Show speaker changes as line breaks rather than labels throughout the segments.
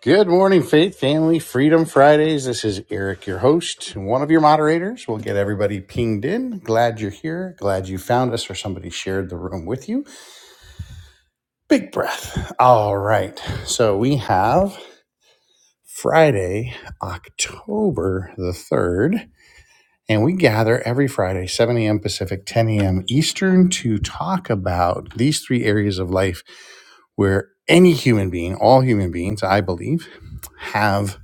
Good morning, Faith Family Freedom Fridays. This is Eric, your host, one of your moderators. We'll get everybody pinged in. Glad you're here. Glad you found us or somebody shared the room with you. Big breath. All right. So we have Friday, October the 3rd, and we gather every Friday, 7 a.m. Pacific, 10 a.m. Eastern, to talk about these three areas of life where any human being, all human beings, I believe, have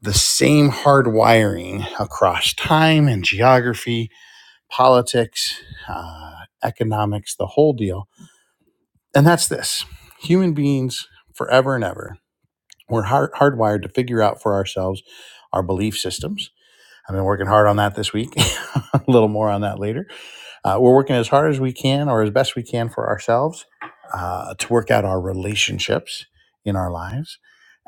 the same hard wiring across time and geography, politics, uh, economics, the whole deal. And that's this human beings forever and ever, we're hard- hardwired to figure out for ourselves our belief systems. I've been working hard on that this week, a little more on that later uh, we're working as hard as we can or as best we can for ourselves uh, to work out our relationships in our lives.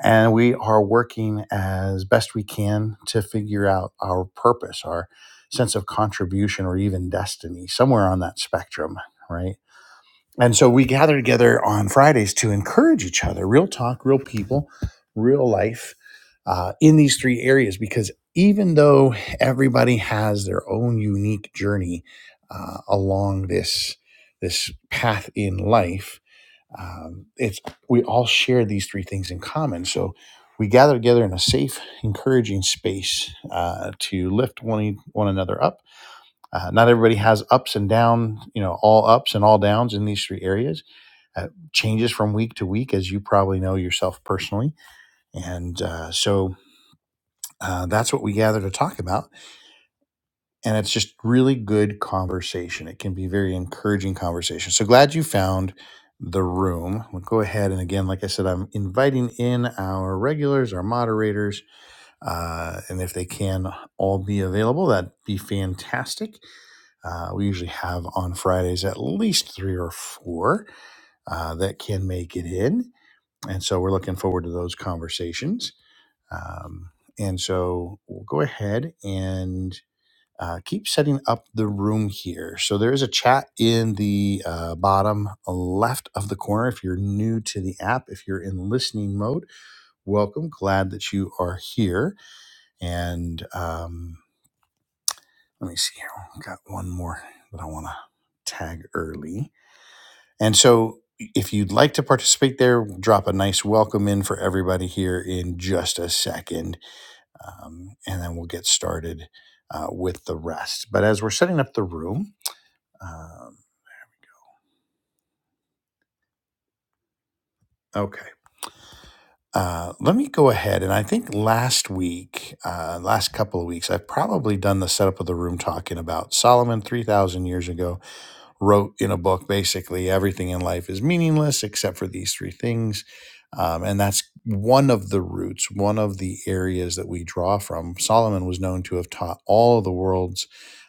And we are working as best we can to figure out our purpose, our sense of contribution, or even destiny, somewhere on that spectrum, right? And so we gather together on Fridays to encourage each other, real talk, real people, real life uh, in these three areas. Because even though everybody has their own unique journey uh, along this this path in life, um, it's we all share these three things in common. So we gather together in a safe, encouraging space uh, to lift one e, one another up. Uh, not everybody has ups and downs. you know, all ups and all downs in these three areas uh, changes from week to week, as you probably know yourself personally. And uh, so uh, that's what we gather to talk about. And it's just really good conversation. It can be very encouraging conversation. So glad you found the room. We'll go ahead and again, like I said, I'm inviting in our regulars, our moderators, uh, and if they can all be available, that'd be fantastic. Uh, we usually have on Fridays at least three or four uh, that can make it in. And so we're looking forward to those conversations. Um, and so we'll go ahead and uh, keep setting up the room here. So there is a chat in the uh, bottom left of the corner. If you're new to the app, if you're in listening mode, welcome. Glad that you are here. And um, let me see here. I've got one more that I want to tag early. And so, if you'd like to participate there, we'll drop a nice welcome in for everybody here in just a second, um, and then we'll get started uh, with the rest. But as we're setting up the room, um, okay. Uh, let me go ahead, and I think last week, uh, last couple of weeks, I've probably done the setup of the room talking about Solomon three thousand years ago, wrote in a book basically everything in life is meaningless except for these three things. Um, and that's one of the roots, one of the areas that we draw from. Solomon was known to have taught all of the world's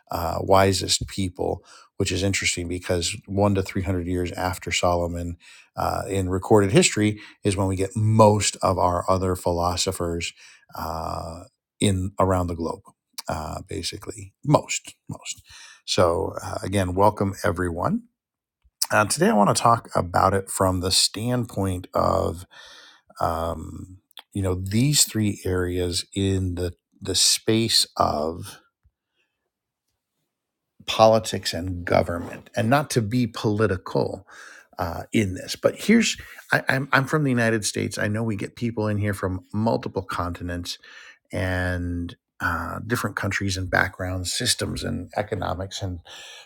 uh, wisest people, which is interesting because one to 300 years after Solomon uh, in recorded history is when we get most of our other philosophers uh, in around the globe, uh, basically. Most, most. So, uh, again, welcome everyone. Uh, today, I want to talk about it from the standpoint of, um, you know, these three areas in the the space of politics and government, and not to be political uh, in this. But here's, I, I'm I'm from the United States. I know we get people in here from multiple continents and uh, different countries and backgrounds, systems and economics and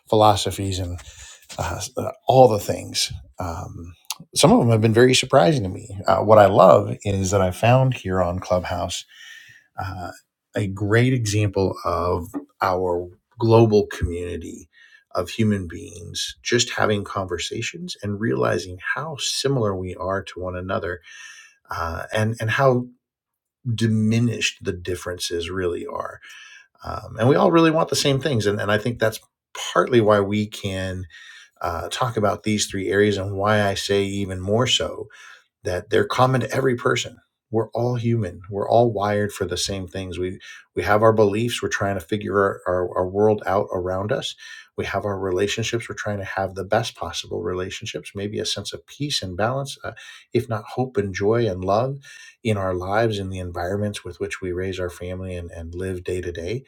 philosophies and. uh, uh, all the things. Um, some of them have been very surprising to me. Uh, what I love is that I found here on Clubhouse uh, a great example of our global community of human beings just having conversations and realizing how similar we are to one another uh, and, and how diminished the differences really are. Um, and we all really want the same things. And, and I think that's partly why we can uh, talk about these three areas and why I say even more so that they're common to every person. We're all human. We're all wired for the same things. We we have our beliefs. We're trying to figure our, our, our world out around us. We have our relationships. We're trying to have the best possible relationships, maybe a sense of peace and balance, uh, if not hope and joy and love in our lives, in the environments with which we raise our family and, and live day to day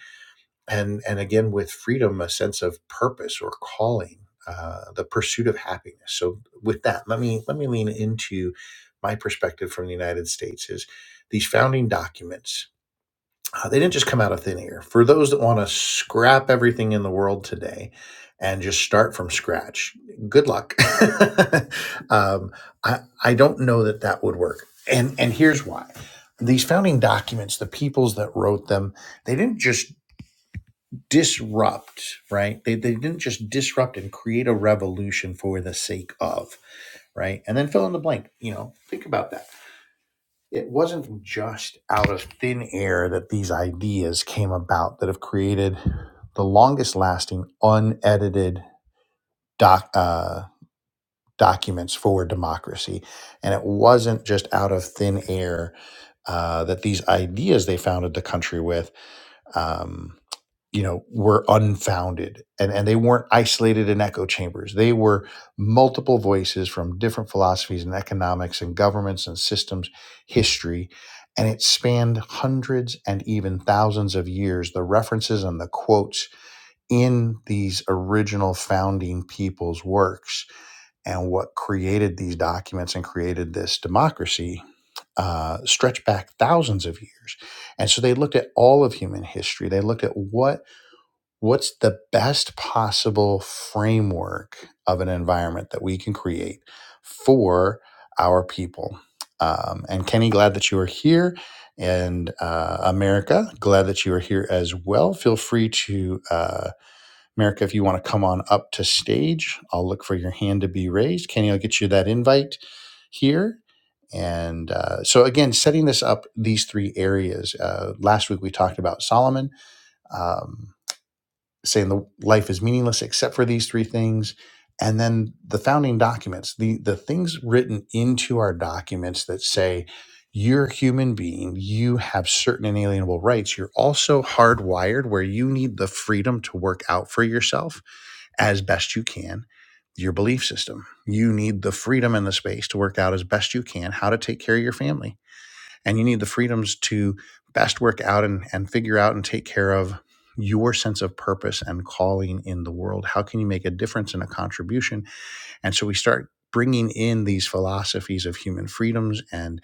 and and again with freedom a sense of purpose or calling uh, the pursuit of happiness so with that let me let me lean into my perspective from the united states is these founding documents uh, they didn't just come out of thin air for those that want to scrap everything in the world today and just start from scratch good luck um, I, I don't know that that would work and and here's why these founding documents the peoples that wrote them they didn't just disrupt, right? They, they didn't just disrupt and create a revolution for the sake of, right? And then fill in the blank, you know, think about that. It wasn't just out of thin air that these ideas came about that have created the longest lasting, unedited doc, uh, documents for democracy. And it wasn't just out of thin air uh, that these ideas they founded the country with. Um, you know were unfounded and and they weren't isolated in echo chambers they were multiple voices from different philosophies and economics and governments and systems history and it spanned hundreds and even thousands of years the references and the quotes in these original founding people's works and what created these documents and created this democracy uh, stretch back thousands of years. And so they looked at all of human history. They looked at what what's the best possible framework of an environment that we can create for our people um, and kenny glad that you are here and uh, america glad that you are here as well feel free to uh, america if you want to come on up to stage i'll look for your hand to be raised kenny i'll get you that invite here and uh, so again setting this up these three areas uh, last week we talked about solomon Um, saying the life is meaningless except for these three things and then the founding documents the the things written into our documents that say you're a human being you have certain inalienable rights you're also hardwired where you need the freedom to work out for yourself as best you can your belief system you need the freedom and the space to work out as best you can how to take care of your family and you need the freedoms to best work out and, and figure out and take care of your sense of purpose and calling in the world how can you make a difference and a contribution and so we start bringing in these philosophies of human freedoms and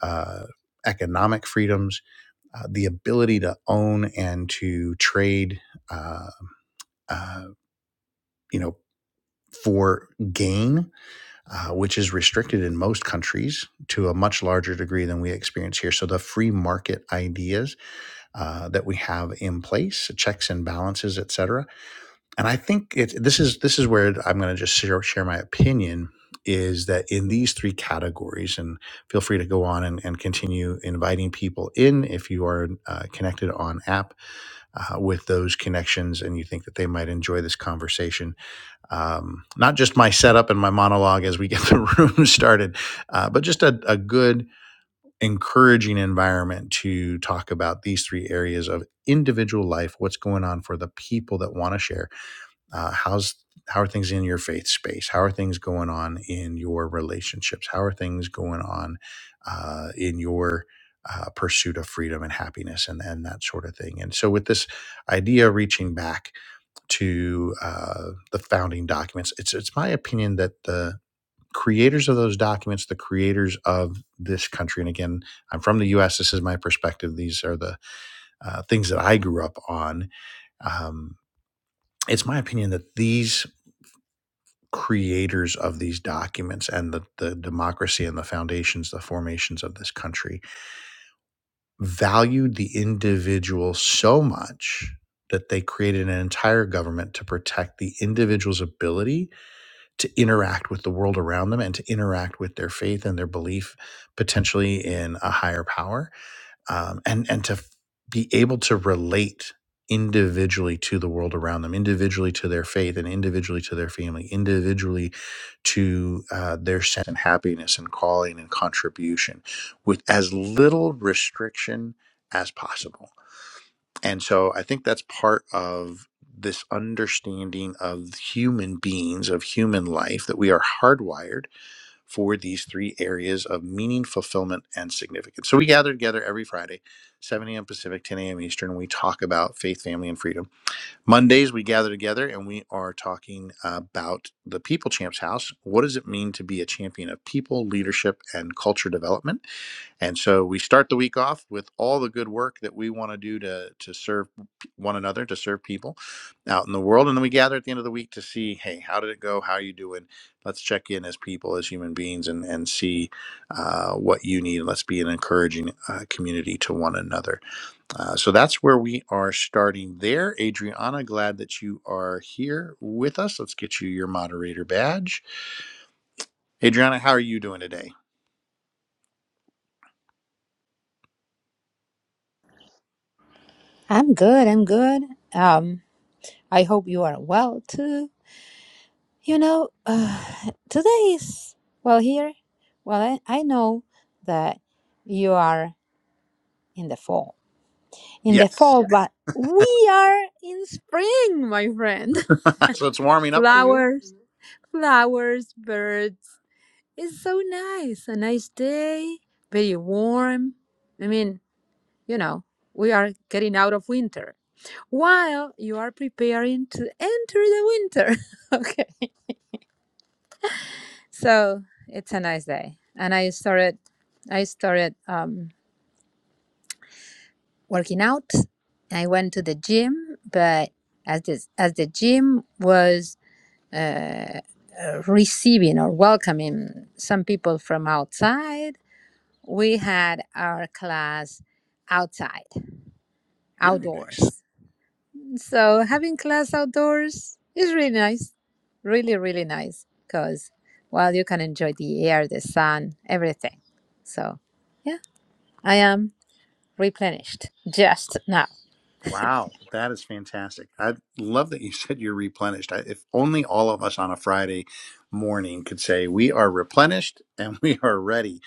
uh, economic freedoms uh, the ability to own and to trade uh, uh, you know for gain uh, which is restricted in most countries to a much larger degree than we experience here. So the free market ideas uh, that we have in place, checks and balances, et cetera. And I think it, this is this is where I'm going to just share, share my opinion is that in these three categories, and feel free to go on and, and continue inviting people in if you are uh, connected on app uh, with those connections and you think that they might enjoy this conversation. Um, not just my setup and my monologue as we get the room started, uh, but just a, a good encouraging environment to talk about these three areas of individual life what's going on for the people that want to share uh, how's how are things in your faith space how are things going on in your relationships how are things going on uh, in your uh, pursuit of freedom and happiness and, and that sort of thing and so with this idea reaching back to uh, the founding documents it's it's my opinion that the creators of those documents, the creators of this country. And again, I'm from the US. This is my perspective. These are the uh, things that I grew up on. Um, it's my opinion that these creators of these documents and the, the democracy and the foundations, the formations of this country valued the individual so much that they created an entire government to protect the individual's ability to interact with the world around them and to interact with their faith and their belief potentially in a higher power um, and and to f- be able to relate individually to the world around them individually to their faith and individually to their family individually to uh, their sense and happiness and calling and contribution with as little restriction as possible and so I think that's part of this understanding of human beings, of human life, that we are hardwired for these three areas of meaning, fulfillment, and significance. So we gather together every Friday, 7 a.m. Pacific, 10 a.m. Eastern. We talk about faith, family, and freedom. Mondays, we gather together and we are talking about the People Champs House. What does it mean to be a champion of people, leadership, and culture development? And so we start the week off with all the good work that we want to do to to serve p- one another, to serve people out in the world, and then we gather at the end of the week to see, hey, how did it go? How are you doing? Let's check in as people, as human beings, and and see uh, what you need. Let's be an encouraging uh, community to one another. Uh, so that's where we are starting there. Adriana, glad that you are here with us. Let's get you your moderator badge. Adriana, how are you doing today?
I'm good. I'm good. Um, I hope you are well too. You know, uh, today is well here. Well, I, I know that you are in the fall, in the
Yes.
fall, but we are in spring, my friend.
so it's warming up for you.
Flowers, flowers, birds. It's so nice. A nice day, very warm. I mean, you know, we are getting out of winter. while you are preparing to enter the winter. okay. So it's a nice day. And I started I started um, working out. I went to the gym, but as this as the gym was uh, uh, receiving or welcoming some people from outside, we had our class outside,
Very nice.
outdoors. So having class outdoors is really nice, really, really nice because, well, you can enjoy the air, the sun, everything. So, yeah, I am replenished just now.
Wow, that is fantastic. I love that you said you're replenished. I, if only all of us on a Friday morning could say we are replenished and we are ready.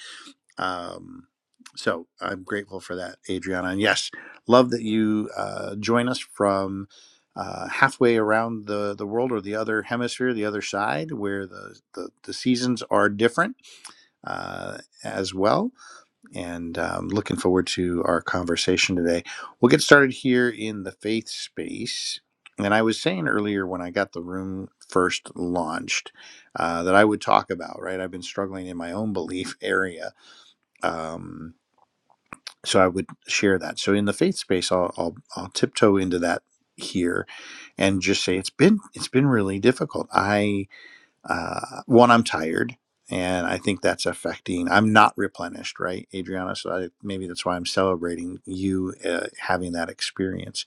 Um, so I'm grateful for that, Adriana. And yes, love that you uh, join us from uh, halfway around the, the world or the other hemisphere, the other side, where the, the, the seasons are different uh, as well. and um, looking forward to our conversation today. We'll get started here in the faith space. And I was saying earlier when I got the room first launched uh, that I would talk about, right? I've been struggling in my own belief area. Um, so I would share that. So in the faith space, I'll, I'll, I'll tiptoe into that here and just say it's been it's been really difficult. I. Uh, one, I'm tired, and I think that's affecting. I'm not replenished, right, Adriana? So I, maybe that's why I'm celebrating you uh, having that experience.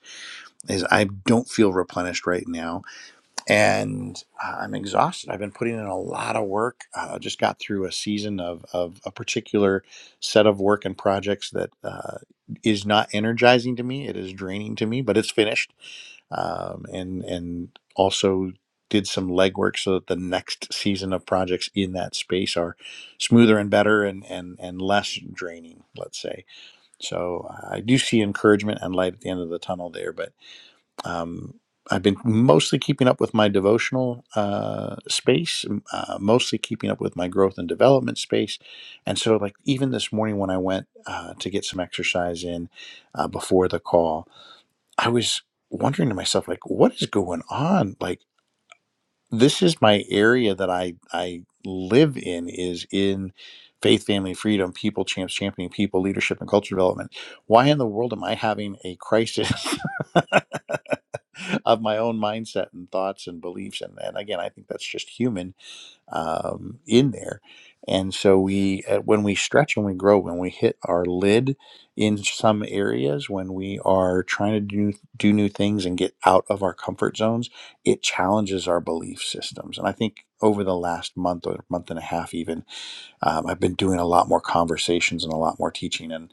Is I don't feel replenished right now, and uh, I'm exhausted. I've been putting in a lot of work. I uh, just got through a season of of a particular set of work and projects that uh, is not energizing to me. It is draining to me, but it's finished um, and and also did some legwork so that the next season of projects in that space are smoother and better and and and less draining. Let's say. So I do see encouragement and light at the end of the tunnel there, but. Um, I've been mostly keeping up with my devotional uh, space, uh, mostly keeping up with my growth and development space, and so like even this morning when I went uh, to get some exercise in uh, before the call, I was wondering to myself, like, what is going on? Like, this is my area that I I live in is in faith, family, freedom, people, champs, championing people, leadership, and culture development. Why in the world am I having a crisis of my own mindset and thoughts and beliefs? And and again, I think that's just human um, in there. And so we, uh, when we stretch and we grow, when we hit our lid in some areas, when we are trying to do do new things and get out of our comfort zones, it challenges our belief systems. And I think over the last month or month and a half, even, um, I've been doing a lot more conversations and a lot more teaching. and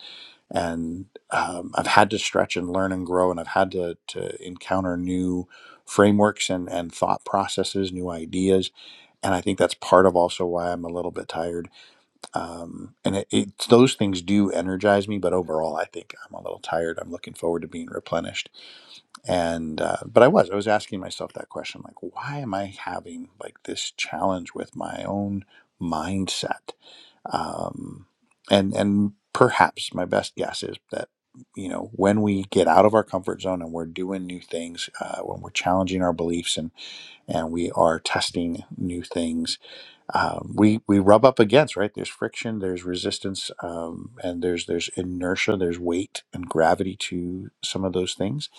and um, I've had to stretch and learn and grow, and I've had to to encounter new frameworks and and thought processes, new ideas, and I think that's part of also why I'm a little bit tired. Um, and it, it's those things do energize me, but overall, I think I'm a little tired. I'm looking forward to being replenished, and uh, but I was I was asking myself that question, like, why am I having like this challenge with my own mindset? um, and and perhaps my best guess is that you know when we get out of our comfort zone and we're doing new things uh, when we're challenging our beliefs and and we are testing new things um, we we rub up against right there's friction there's resistance um, and there's there's inertia there's weight and gravity to some of those things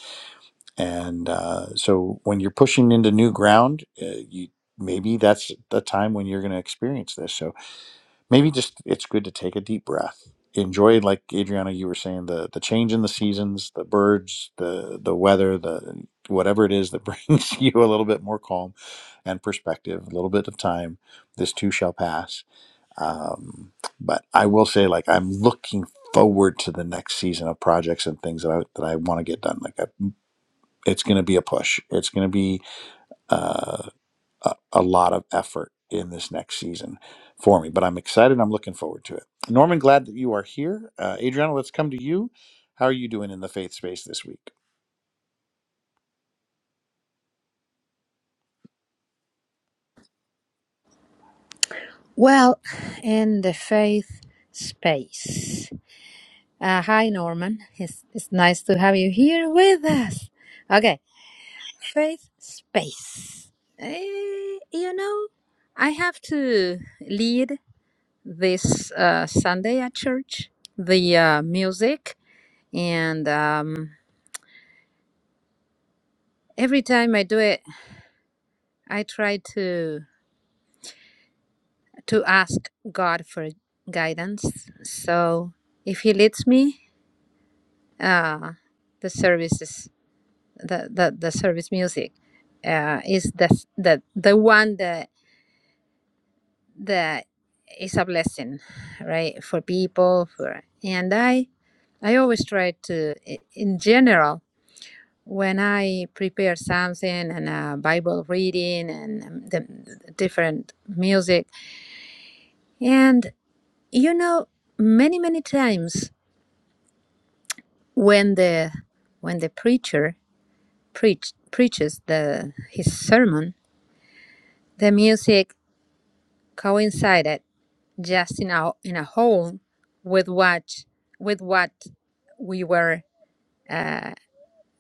and uh, so when you're pushing into new ground uh, you maybe that's the time when you're going to experience this So maybe just it's good to take a deep breath enjoy like adriana you were saying the the change in the seasons the birds the the weather the whatever it is that brings you a little bit more calm and perspective a little bit of time this too shall pass um, but i will say like i'm looking forward to the next season of projects and things that i that i want to get done like I, it's going to be a push it's going to be uh, a, a lot of effort in this next season for me. But I'm excited. I'm looking forward to it. Norman, glad that you are here. Uh, Adriana, let's come to you. How are you doing in the faith space this week?
Well, in the faith space. Uh, hi, Norman. It's, it's nice to have you here with us. Okay, faith space. Eh, you know, I have to lead this uh, Sunday at church, the uh, music, and um, every time I do it, I try to to ask God for guidance. So if He leads me, uh, the services, the the, the service music, uh, is the the the one that that is a blessing, right, for people. For and I, I always try to, i- in general When I prepare something and a Bible reading and um, the the different music, and you know, many many times when the when the preacher preach, preaches the his sermon, the music coincided just in a in a whole with what with what we were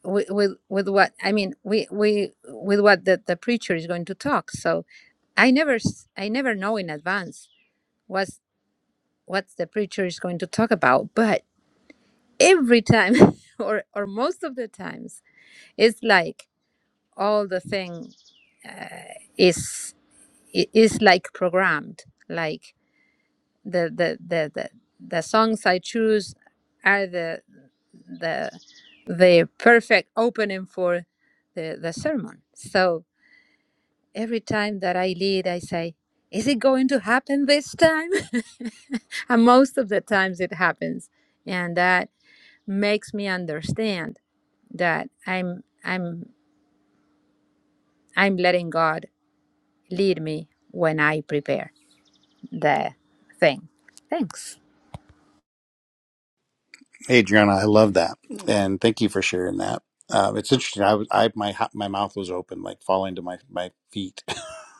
with with, with what I mean we we with what the, the preacher is going to talk. So I never s- I never know in advance what's what the preacher is going to talk about, but every time or or most of the times it's like all the thing is i- is like programmed like the the the the, the songs I choose are the the the perfect opening for the the sermon. So Every time that I lead, I say, Is it going to happen this time? and most of the times it happens. And that makes me understand that I'm I'm I'm letting God lead me when I prepare the thing. Thanks.
Hey, Adriana, I love that, and thank you for sharing that. Um, it's interesting. I, was- I my ha- my mouth was open, like falling to my my feet,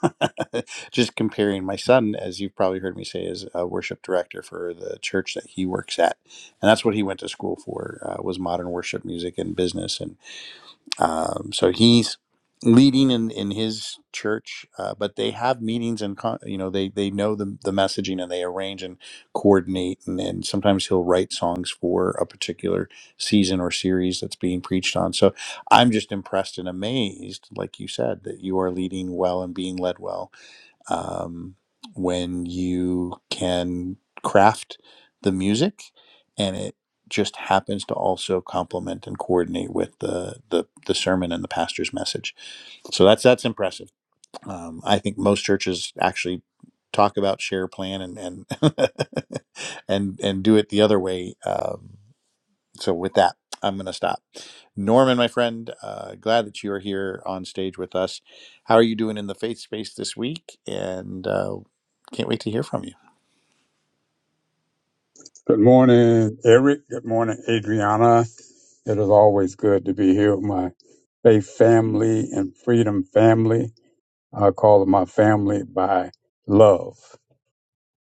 just comparing my son, as you've probably heard me say, is a worship director for the church that he works at, and that's what he went to school for uh, was modern worship music and business. and. Um, so he's leading in, in his church, uh, but they have meetings and con- you know they they know the the messaging and they arrange and coordinate and, and sometimes he'll write songs for a particular season or series that's being preached on. So I'm just impressed and amazed, like you said, that you are leading well and being led well um, when you can craft the music and it just happens to also complement and coordinate with the, the the sermon and the pastor's message. So that's that's impressive. Um, I think most churches actually talk about share plan and and and and do it the other way. um, so with that i'm going to stop norman my friend uh, glad that you are here on stage with us how are you doing in the faith space this week and uh, can't wait to hear from you
Good morning, Eric. Good morning, Adriana. It is always good to be here with my faith family and freedom family. I call it my family by love.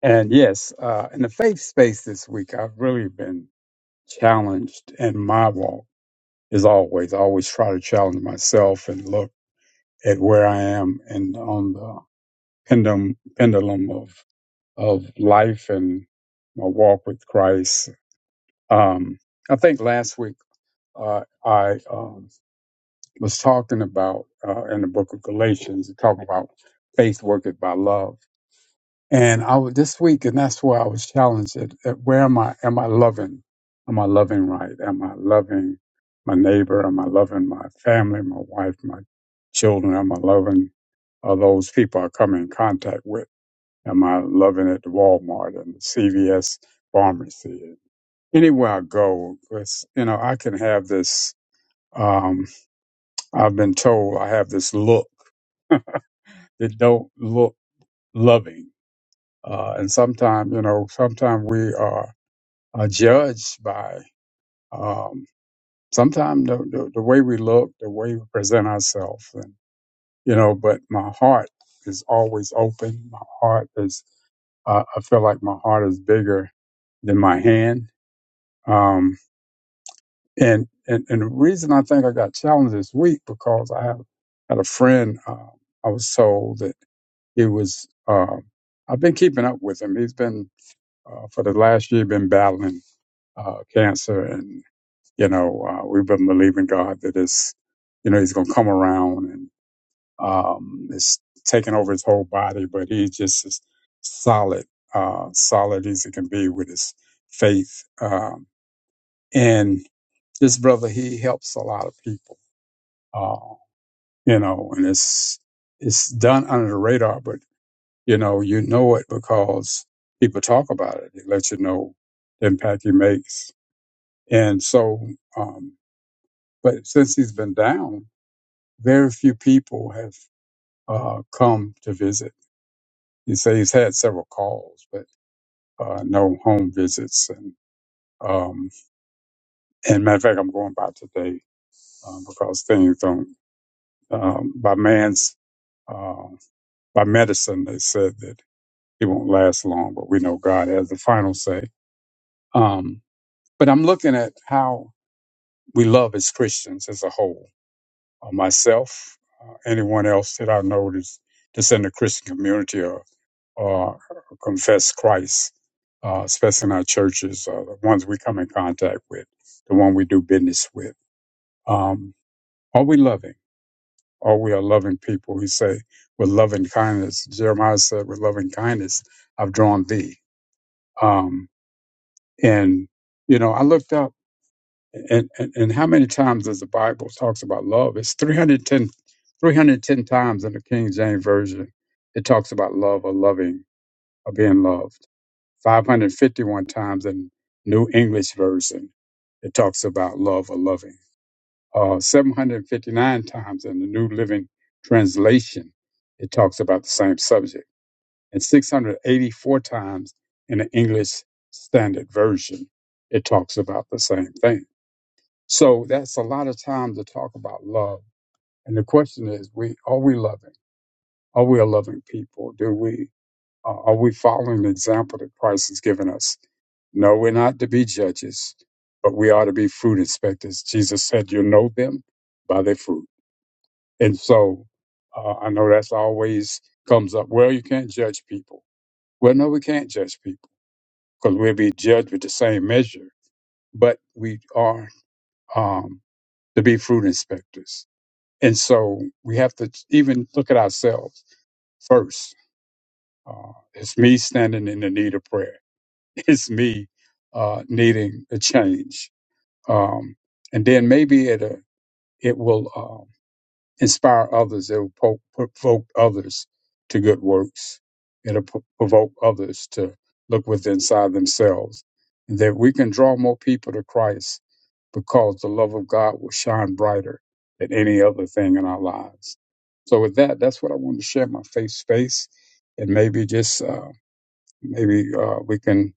And yes, uh, in the faith space this week, I've really been challenged in my walk, as always. I always try to challenge myself and look at where I am and on the pendulum, pendulum of, of life and my walk with Christ. Um, I think last week, uh, I um, was talking about uh, in the book of Galatians, talking about faith worketh by love. And I was this week, and that's where I was challenged at, at where am I? Am I loving? Am I loving right? Am I loving my neighbor? Am I loving my family, my wife, my children? Am I loving uh, those people I come in contact with? Am I loving at the Walmart and the CVS pharmacy? Anywhere I go, it's, you know, I can have this. Um, I've been told I have this look that don't look loving. Uh, and sometimes, you know, sometimes we are, are judged by um, sometimes the, the, the way we look, the way we present ourselves. And, you know, but my heart is always open. My heart is, uh, I feel like my heart is bigger than my hand. Um, and, and, and the reason I think I got challenged this week because I have had a friend, uh, I was told that He was. Uh, I've been keeping up with him. He's been uh, for the last year been battling uh, cancer, and you know uh, we've been believing God that it's you know he's going to come around and um, it's taking over his whole body, but he's just as solid, uh, solid as he can be with his faith. Um, and this brother, he helps a lot of people. Uh, you know, and it's it's done under the radar, but You know, you know it because people talk about it. It lets you know the impact he makes. And so, um, but since he's been down, very few people have uh, come to visit. He say he's had several calls, but uh, no home visits. And um, and matter of fact, I'm going by today um, because things don't um, by man's uh, by medicine. They said that it won't last long, but we know God has the final say. Um, But I'm looking at how we love as Christians as a whole. Uh, myself, uh, anyone else that I know that's, that's in the Christian community or, or confess Christ, uh, especially in our churches, uh, the ones we come in contact with, the one we do business with. Um, are we loving? Are we a loving people? He say, with loving kindness. Jeremiah said, with loving kindness, I've drawn thee. Um, and, you know, I looked up And, and and how many times does the Bible talks about love? It's 310, 310 times in the King James version. It talks about love or loving or being loved. Five hundred fifty one times in New English version. It talks about love or loving. Uh, Seven hundred fifty nine times in the New Living Translation. It talks about the same subject, and six hundred eighty four times in the English Standard Version. It talks about the same thing. So that's a lot of time to talk about love. And the question is, we are we loving? Are we a loving people? Do we uh, are we following the example that Christ has given us? No, we're not to be judges, but we are to be fruit inspectors. Jesus said, "You know them by their fruit." And so, uh, I know that's always comes up. Well, you can't judge people. Well, no, we can't judge people because we'll be judged with the same measure. But we are um, to be fruit inspectors And so we have to even look at ourselves first. Uh, it's me standing in the need of prayer. It's me uh, needing a change. Um, and then maybe it, uh, it will um inspire others. It will po- provoke others to good works. It'll p- provoke others to look within inside themselves. and That we can draw more people to Christ because the love of God will shine brighter than any other thing in our lives. So with that, that's what I wanted to share my faith space, and maybe just uh, maybe uh, we can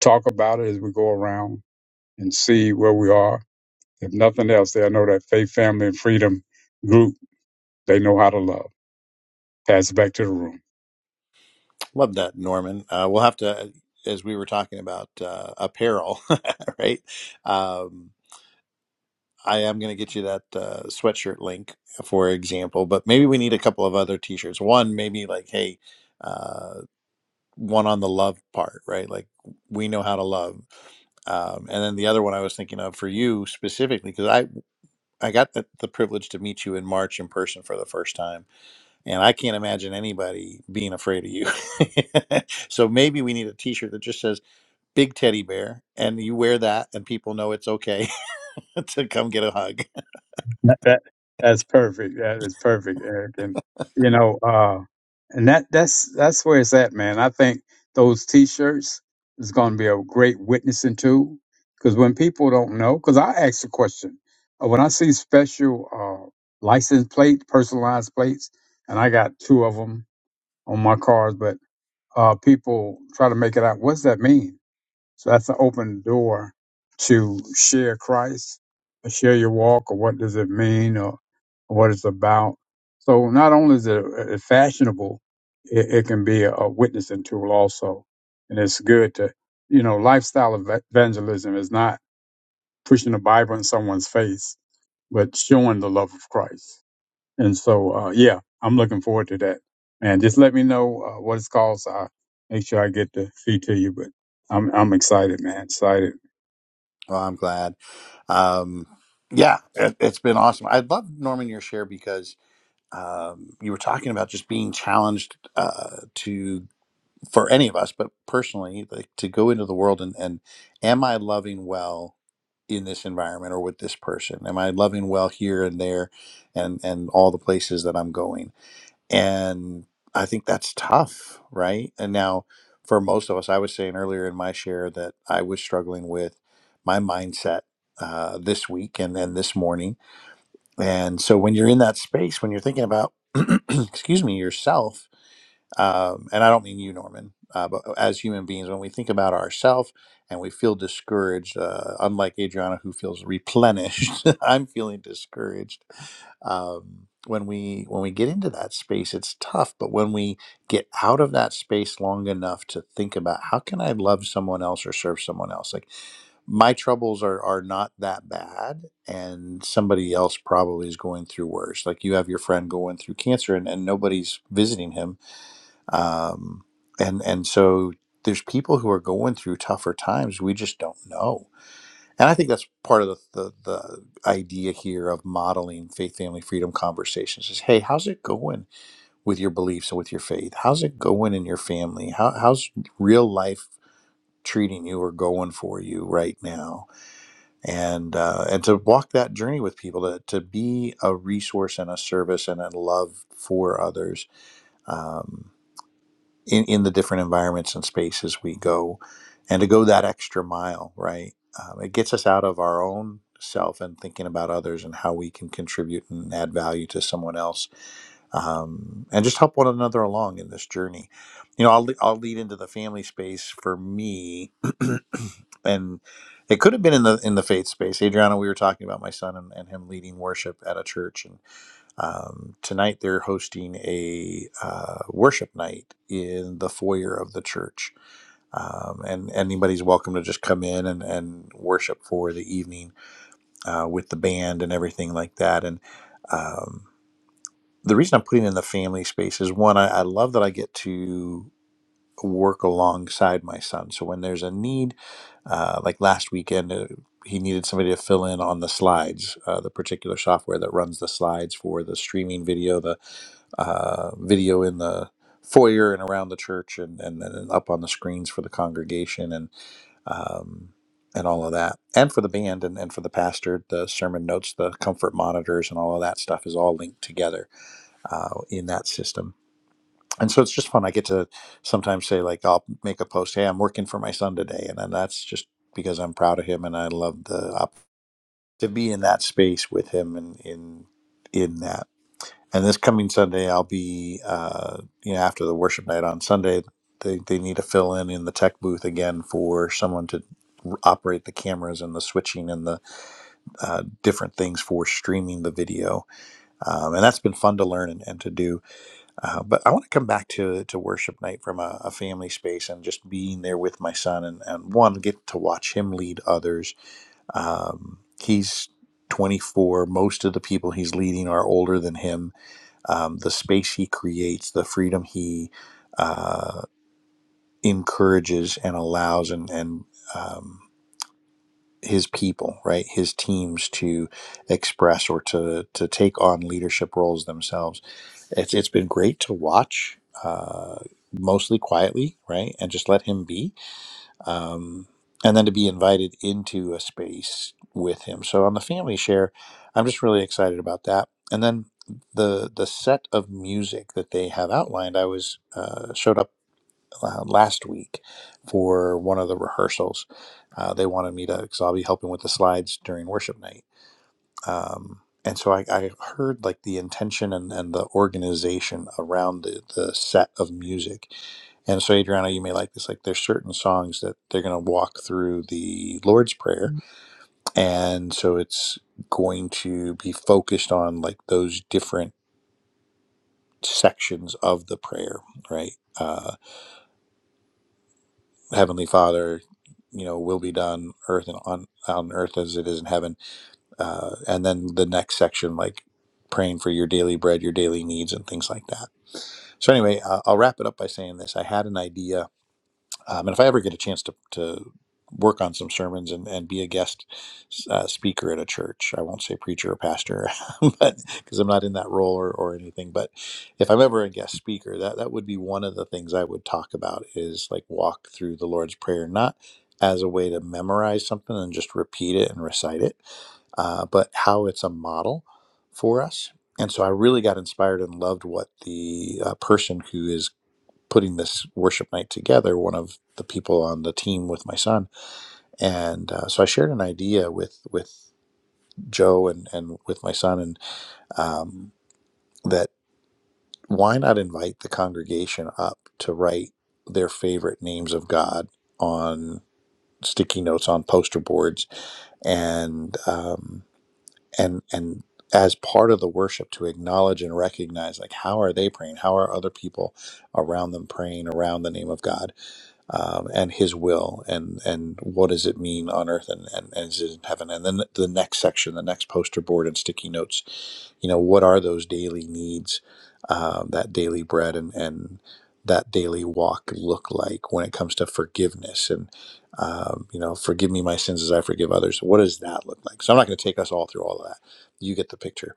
talk about it as we go around and see where we are. If nothing else, they know that faith, family, and freedom group they know how to love. Pass it back to the room.
love that norman uh, we'll have to uh, as we were talking about uh, apparel right um, i am going to get you that uh, sweatshirt link for example but maybe we need a couple of other t-shirts one maybe like hey uh, one on the love part right like we know how to love Um, and then the other one I was thinking of for you specifically, because I, I got the, the privilege to meet you in March in person for the first time. And I can't imagine anybody being afraid of you. so maybe we need a t shirt that just says Big Teddy Bear, and you wear that, and people know it's okay to come get a hug.
That, that- that's perfect. That is perfect, Eric. And you know, uh, and that that's that's where it's at, man. I think those T-shirts is going to be a great witnessing tool because when people don't know, because I ask the question uh, when I see special uh, license plate, personalized plates, and I got two of them on my cars, but uh, people try to make it out. What's that mean? So that's an open door to share Christ, to share your walk, or what does it mean, or what it's about. So not only is it uh, fashionable, it, it can be a, a witnessing tool also, and it's good to you know lifestyle eva- evangelism is not pushing the Bible in someone's face, but showing the love of Christ. And so uh, yeah, I'm looking forward to that. And just let me know uh, what it's called. So I make sure I get the fee to you, but. I'm I'm excited, man. Excited.
Well, I'm glad. Um, yeah, it, it's been awesome. I love Norman your share because um, you were talking about just being challenged uh, to. for any of us, but personally, like to go into the world and, and am I loving well in this environment or with this person? Am I loving well here and there and and all the places that I'm going? And I think that's tough, right? And now for most of us, I was saying earlier in my share that I was struggling with my mindset uh, this week and then this morning. And so when you're in that space, when you're thinking about excuse me, yourself um, and I don't mean you, Norman, uh, but uh, as human beings, when we think about ourselves and we feel discouraged, uh, unlike Adriana, who feels replenished, I'm feeling discouraged. Um, when we when we get into that space, it's tough. But when we get out of that space long enough to think about how can I love someone else or serve someone else, like my troubles are are not that bad, and somebody else probably is going through worse. Like you have your friend going through cancer, and, and nobody's visiting him um, and and so there's people who are going through tougher times we just don't know and i think that's part of the, the the idea here of modeling faith family freedom conversations is hey how's it going with your beliefs and with your faith how's it going in your family How, how's real life treating you or going for you right now and uh, and to walk that journey with people to, to be a resource and a service and a love for others Um, in, in the different environments and spaces we go and to go that extra mile right um, it gets us out of our own self and thinking about others and how we can contribute and add value to someone else um, and just help one another along in this journey you know i'll, le- I'll lead into the family space for me and it could have been in the in the faith space adriana we were talking about my son and, and him leading worship at a church and. Um, tonight they're hosting a uh, worship night in the foyer of the church, um, and anybody's welcome to just come in and, and worship for the evening uh, with the band and everything like that. And um, the reason I'm putting in the family space is one, I, I love that I get to work alongside my son. So when there's a need, uh, like last weekend. Uh, he needed somebody to fill in on the slides, uh, the particular software that runs the slides for the streaming video, the uh, video in the foyer and around the church and, and, and up on the screens for the congregation and um, and all of that and for the band and, and for the pastor the sermon notes the comfort monitors and all of that stuff is all linked together uh, in that system and so it's just fun i get to sometimes say like i'll make a post hey i'm working for my son today and then that's just because i'm proud of him and i love the op- to be in that space with him and in in that and this coming Sunday, I'll be, uh, you know, after the worship night on Sunday, they, they need to fill in in the tech booth again for someone to r- operate the cameras and the switching and the uh, different things for streaming the video. Um, and that's been fun to learn and, and to do. Uh, but I want to come back to, to worship night from a, a family space and just being there with my son and, and one, get to watch him lead others. Um, he's 24. Most of the people he's leading are older than him um, the space he creates, the freedom he uh, encourages and allows, and and um, his people, right, his teams to express or to to take on leadership roles themselves. It's it's been great to watch, uh, mostly quietly, right, and just let him be um, and then to be invited into a space with him. So on the family share, I'm just really excited about that. And then the the set of music that they have outlined, I was uh, showed up uh, last week for one of the rehearsals. Uh, they wanted me to because I'll be helping with the slides during worship night um, and so I, I heard like the intention and, and the organization around the, the set of music and so adriana you may like this like there's certain songs that they're going to walk through the lord's prayer and so it's going to be focused on like those different sections of the prayer right uh, heavenly father you know will be done earth and on, on earth as it is in heaven uh, and then the next section like praying for your daily bread your daily needs and things like that so anyway uh, i'll wrap it up by saying this i had an idea um, and if i ever get a chance to, to work on some sermons and, and be a guest uh, speaker at a church i won't say preacher or pastor but because i'm not in that role or, or anything but if i'm ever a guest speaker that, that would be one of the things i would talk about is like walk through the lord's prayer not as a way to memorize something and just repeat it and recite it uh, but how it's a model for us. And so I really got inspired and loved what the uh, person who is putting this worship night together, one of the people on the team with my son, and uh, so I shared an idea with with Joe and and with my son, and um, that why not invite the congregation up to write their favorite names of God on sticky notes on poster boards and um, and and as part of the worship to acknowledge and recognize like how are they praying how are other people around them praying around the name of god um, and his will and and what does it mean on earth and, and, and is it in heaven and then the next section the next poster board and sticky notes you know what are those daily needs um, that daily bread and and that daily walk look like when it comes to forgiveness and um, you know forgive me my sins as i forgive others what does that look like so i'm not going to take us all through all of that you get the picture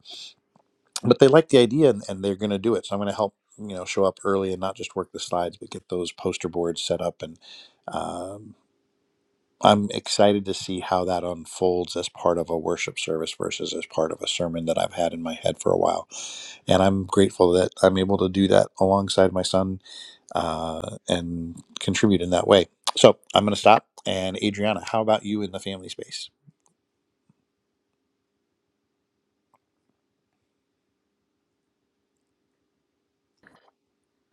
but they like the idea and, and they're going to do it. So I'm going to help you know show up early and not just work the slides, but get those poster boards set up. And um, I'm excited to see how that unfolds as part of a worship service versus as part of a sermon that I've had in my head for a while. And I'm grateful that I'm able to do that alongside my son uh, and contribute in that way. So I'm going to stop. And Adriana, how about you in the family space?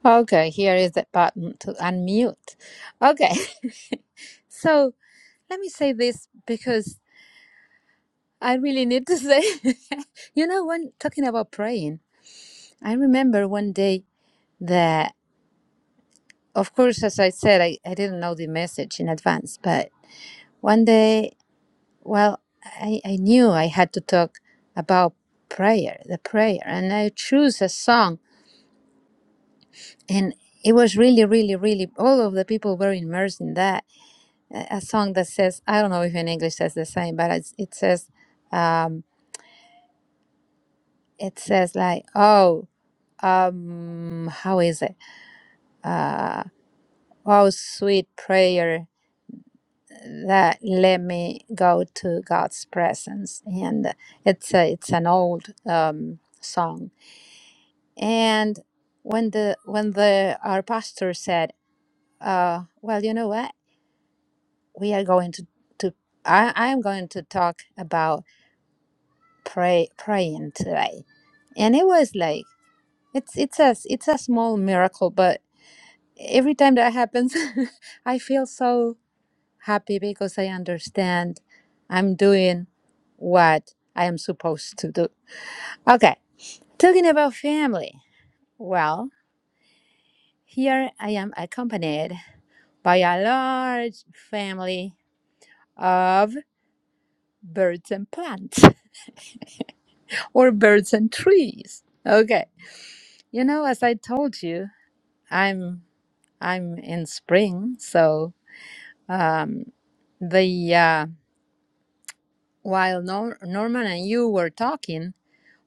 Okay, here is the button to unmute. Okay. so let me say this because I really need to say you know when talking about praying, I remember one day that. Of course, as I said, I, I didn't know the message in advance, but one day, well, I, I knew I had to talk about prayer, the prayer, and I chose a song, and it was really, really, really, all of the people were immersed in that. A a song that says, I don't know if in English says the same, but it's, it says, um, it says like, oh, um, how is it? Uh, oh, sweet prayer that let me go to God's presence. And it's a, it's an old um, song. And when the when the our pastor said, uh, "Well, you know what? We are going to to I I am going to talk about pray praying today," and it was like it's it's a it's a small miracle, but every time that happens, I feel so. happy because I understand I'm doing what I am supposed to do. Okay, talking about family. Well, here I am accompanied by a large family of birds and plants or birds and trees. Okay. You know, as I told you, I'm I'm in spring, so um the uh while Nor- Norman and you were talking,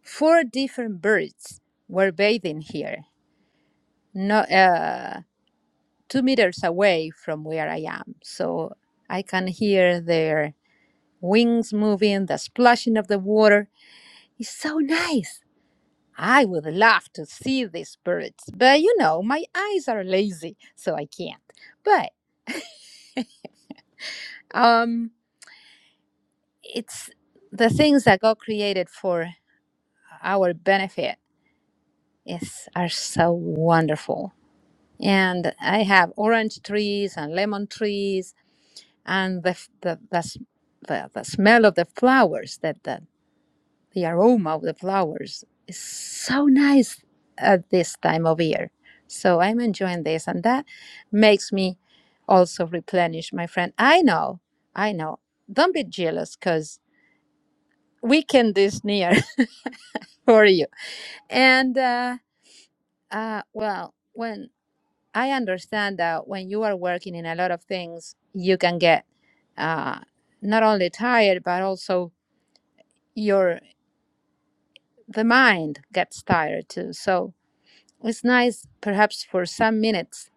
Four different birds were bathing here, no, uh, two meters away from where I am. So I can hear their wings moving, the splashing of the water. It's so nice. I would love to see these birds, but you know, my eyes are lazy, so I can't. But um, it's the things that God created for our benefit is are so wonderful. and I have orange trees and lemon trees, and the the the, the, the smell of the flowers that the, the aroma of the flowers is so nice at this time of year. So I'm enjoying this, and that makes me also replenish my friend. I know, I know. Don't be jealous, cause weekend is near for you. And uh, uh, well, when I understand that when you are working in a lot of things, you can get uh, not only tired, but also your the mind gets tired too. So it's nice, perhaps for some minutes,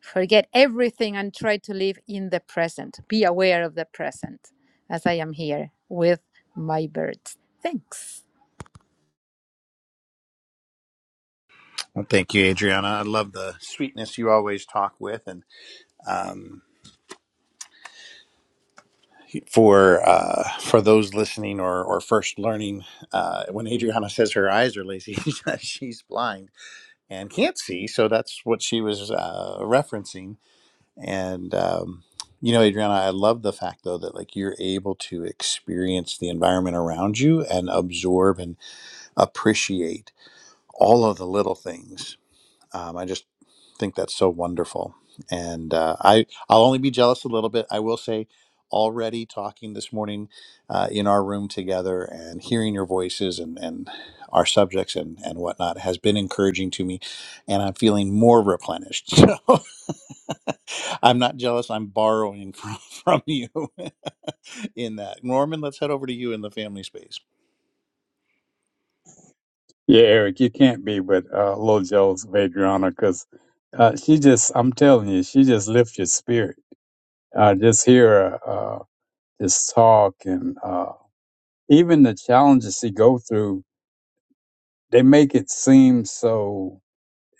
forget everything and try to live in the present. Be aware of the present, as I am here with my birds. Thanks.
Well, thank you, Adriana. I love the sweetness you always talk with, and um, for uh, for those listening or, or first learning, uh, when Adriana says her eyes are lazy, she's blind and can't see. So that's what she was uh, referencing. And um, you know, Adriana, I love the fact though that like you're able to experience the environment around you and absorb and appreciate all of the little things. Um, I just think that's so wonderful. And uh, I, I'll only be jealous a little bit. I will say, already talking this morning uh, in our room together and hearing your voices and, and our subjects and, and whatnot has been encouraging to me. And I'm feeling more replenished. So I'm not jealous. I'm borrowing from, from you in that. Norman, let's head over to you in the family space.
Yeah, Eric, you can't be with uh, Lil Joe's Adriana because uh, she just, I'm telling you, she just lifts your spirit. Uh, just hear her uh, just talk and uh, even the challenges she go through, they make it seem so,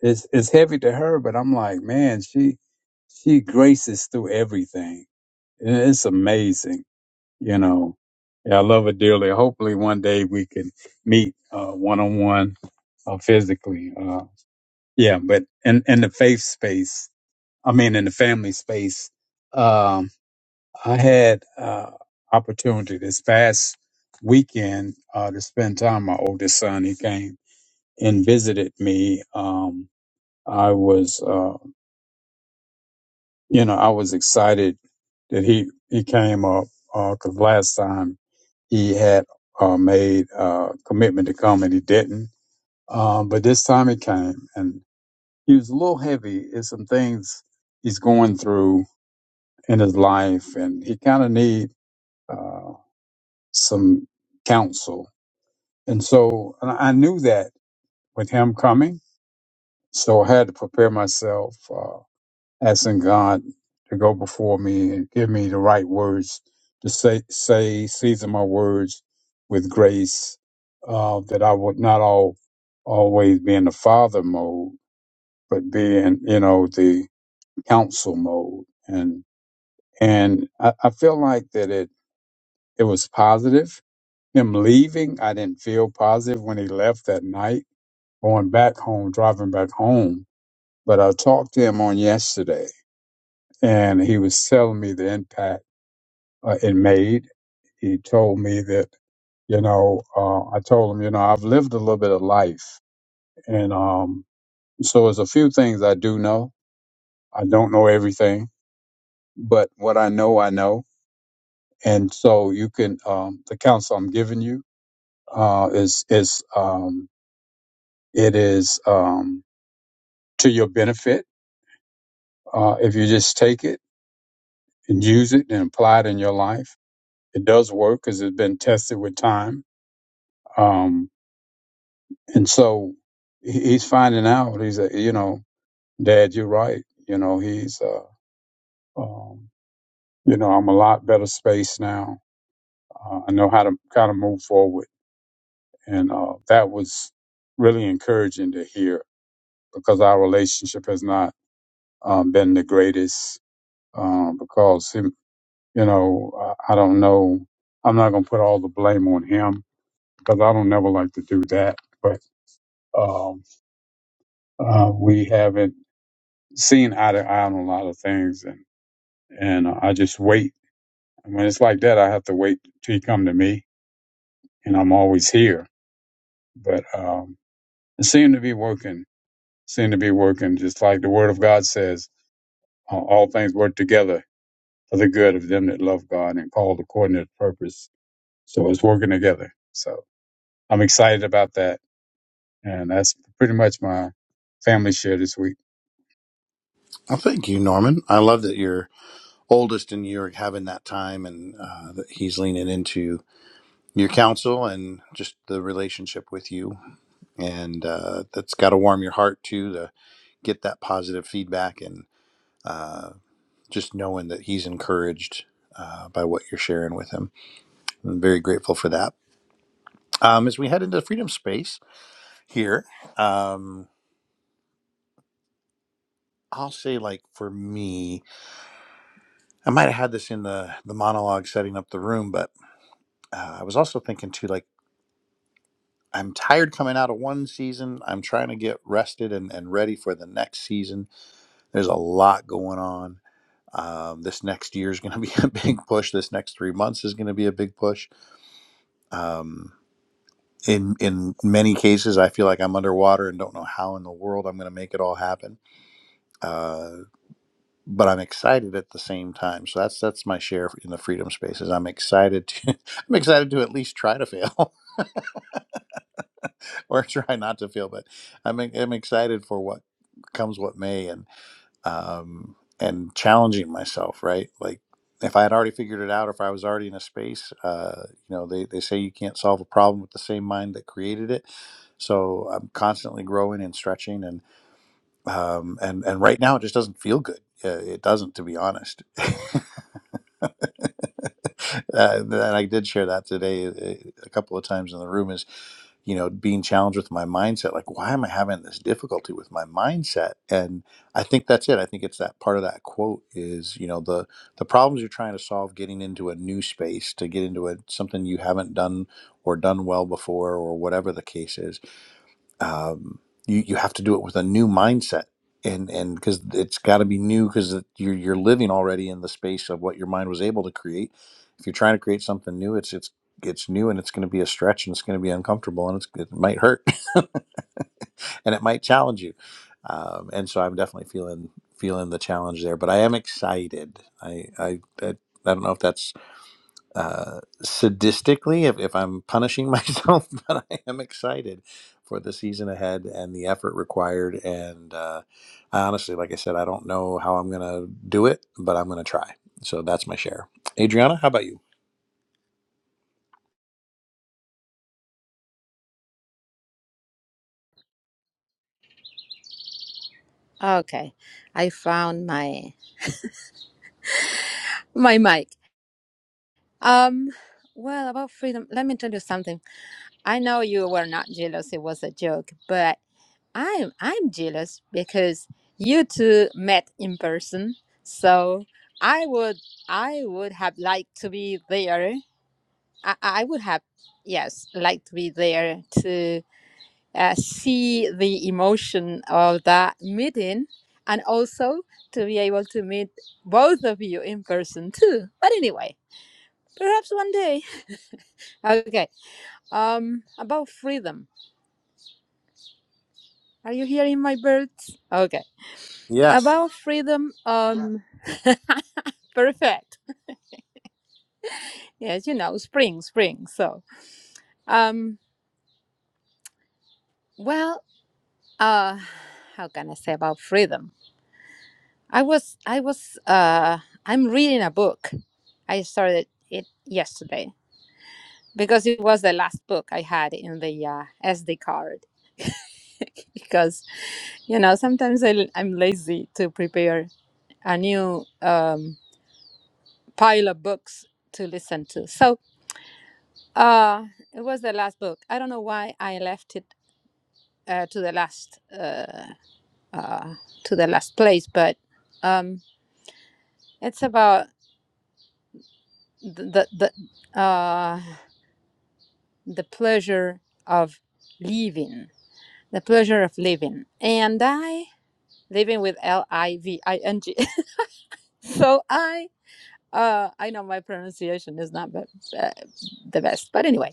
it's, it's heavy to her, but I'm like, man, she, she graces through everything. And It's amazing, you know. Yeah, I love her dearly. Hopefully one day we can meet uh, one-on-one uh, physically. uh, Yeah, but in in the faith space, I mean, in the family space, um, I had uh, opportunity this past weekend uh, to spend time with my oldest son. He came and visited me. Um, I was, uh, you know, I was excited that he he came up because last time he had uh, made a commitment to come and he didn't. Um, but this time he came, and. he was a little heavy in some things he's going through in his life, and he kind of need uh, some counsel. And so and I knew that with him coming, so I had to prepare myself, uh, asking God to go before me and give me the right words to say, say season my words with grace, uh, that I would not all always be in the father mode, but be in you know the counsel mode and And I, I feel like that it, it was positive. Him leaving, I didn't feel positive when he left that night, going back home, driving back home. But I talked to him on yesterday and he was telling me the impact uh, it made. He told me that, you know, uh, I told him, you know, I've lived a little bit of life. And um, so there's a few things I do know. I don't know everything, but what I know, I know. And so you can, um, the counsel I'm giving you, uh, is is um, it is um, to your benefit uh, if you just take it and use it and apply it in your life. It does work because it's been tested with time, um, and so he- he's finding out. He's a, you know, Dad, you're right. You know, he's uh, um, you know, I'm a lot better space now. Uh, I know how to kind of move forward, and uh, that was really encouraging to hear because our relationship has not um, been the greatest um, because him, you know, I, I don't know. I'm not gonna put all the blame on him because I don't never like to do that. But um, uh, we haven't seen eye to eye on a lot of things, and and uh, I just wait. And when it's like that, I have to wait till he come to me, and I'm always here. But um, it seemed to be working. Seemed to be working, just like the Word of God says, uh, all things work together for the good of them that love God and called according to His purpose. So it's working together. So. I'm excited about that, and that's pretty much my family share this week.
Well, thank you, Norman. I love that your oldest and you are having that time and uh, that he's leaning into. your counsel and just the relationship with you. And uh, that's got to warm your heart too to get that positive feedback and uh, just knowing that he's encouraged uh, by what you're sharing with him. I'm very grateful for that. Um, as we head into the freedom space here, um, I'll say like for me, I might have had this in the the monologue setting up the room, but uh, I was also thinking too like. I'm tired coming out of one season. I'm trying to get rested and, and ready for the next season There's a lot going on. Um, this next year is going to be a big push. This next three months is going to be a big push. Um, in in many cases, I feel like I'm underwater and don't know how in the world I'm going to make it all happen. Uh, but I'm excited at the same time. So that's that's my share in the freedom spaces. I'm excited to I'm excited to at least try to fail or try not to fail. But I'm I'm excited for what comes what may and. um, and challenging myself, right? Like if I had already figured it out, or if I was already in a space, uh, you know, they, they say you can't solve a problem with the same mind that created it. So I'm constantly growing and stretching and, um, and, and right now it just doesn't feel good. Uh, It doesn't, to be honest. uh, and I did share that today uh, a couple of times in the room is, you know, being challenged with my mindset. Like, why am I having this difficulty with my mindset? And I think that's it. I think it's that part of that quote is, you know, the the problems you're trying to solve, getting into a new space, to get into a, something you haven't done or done well before, or whatever the case is um, you you have to do it with a new mindset and and because it's got to be new because you're you're living already in the space of what your mind was able to create if you're trying to create something new it's it's it's new and it's going to be a stretch and it's going to be uncomfortable and it's, it might hurt and it might challenge you um, and so i'm definitely feeling feeling the challenge there but i am excited i i i, I don't know if that's uh, sadistically if, if I'm punishing myself, but I am excited for the season ahead and the effort required. And uh, I honestly, like I said, I don't know how I'm going to do it, but I'm going to try. So that's my share. Adriana, how about you?
Okay, I found my my mic. Um, well, about freedom, let me tell you something. I know you were not jealous. It was a joke, but I'm I'm jealous because you two met in person. So I would I would have liked to be there. I, I would have yes liked to be there to uh, see the emotion of that meeting and also to be able to meet both of you in person too. But anyway, perhaps one day. Okay. Um, about freedom. Are you hearing my birds? Okay.
Yes.
About freedom, um, perfect. Yes, you know, spring, spring. So, um, well, uh, how can I say about freedom? I was, I was, uh, I'm reading a book. I started it yesterday because it was the last book I had in the uh, SD card. because, you know, sometimes I, I'm lazy to prepare a new um, pile of books to listen to. So Uh, it was the last book. I don't know why I left it uh, to the last uh, uh, to the last place, but um, it's about the the the, uh, the pleasure of living, the pleasure of living, and I living with L I V I N G. So I uh, I know my pronunciation is not be- uh, the best, but anyway,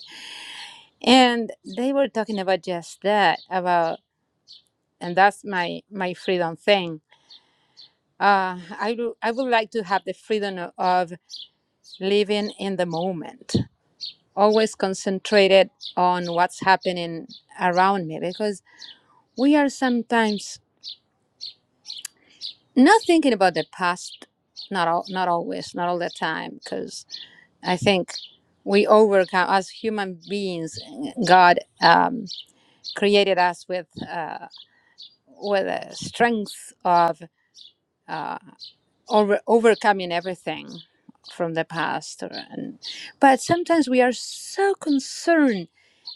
and they were talking about just that about, and that's my my freedom thing Uh, I, do, I would like to have the freedom o- of living in the moment, always concentrated on what's happening around me because we are sometimes not thinking about the past, not, all, not always, not all the time, because I think we overcome, as human beings, God um, created us with, uh, with a strength of. uh, over, overcoming everything from the past or, and but sometimes we are so concerned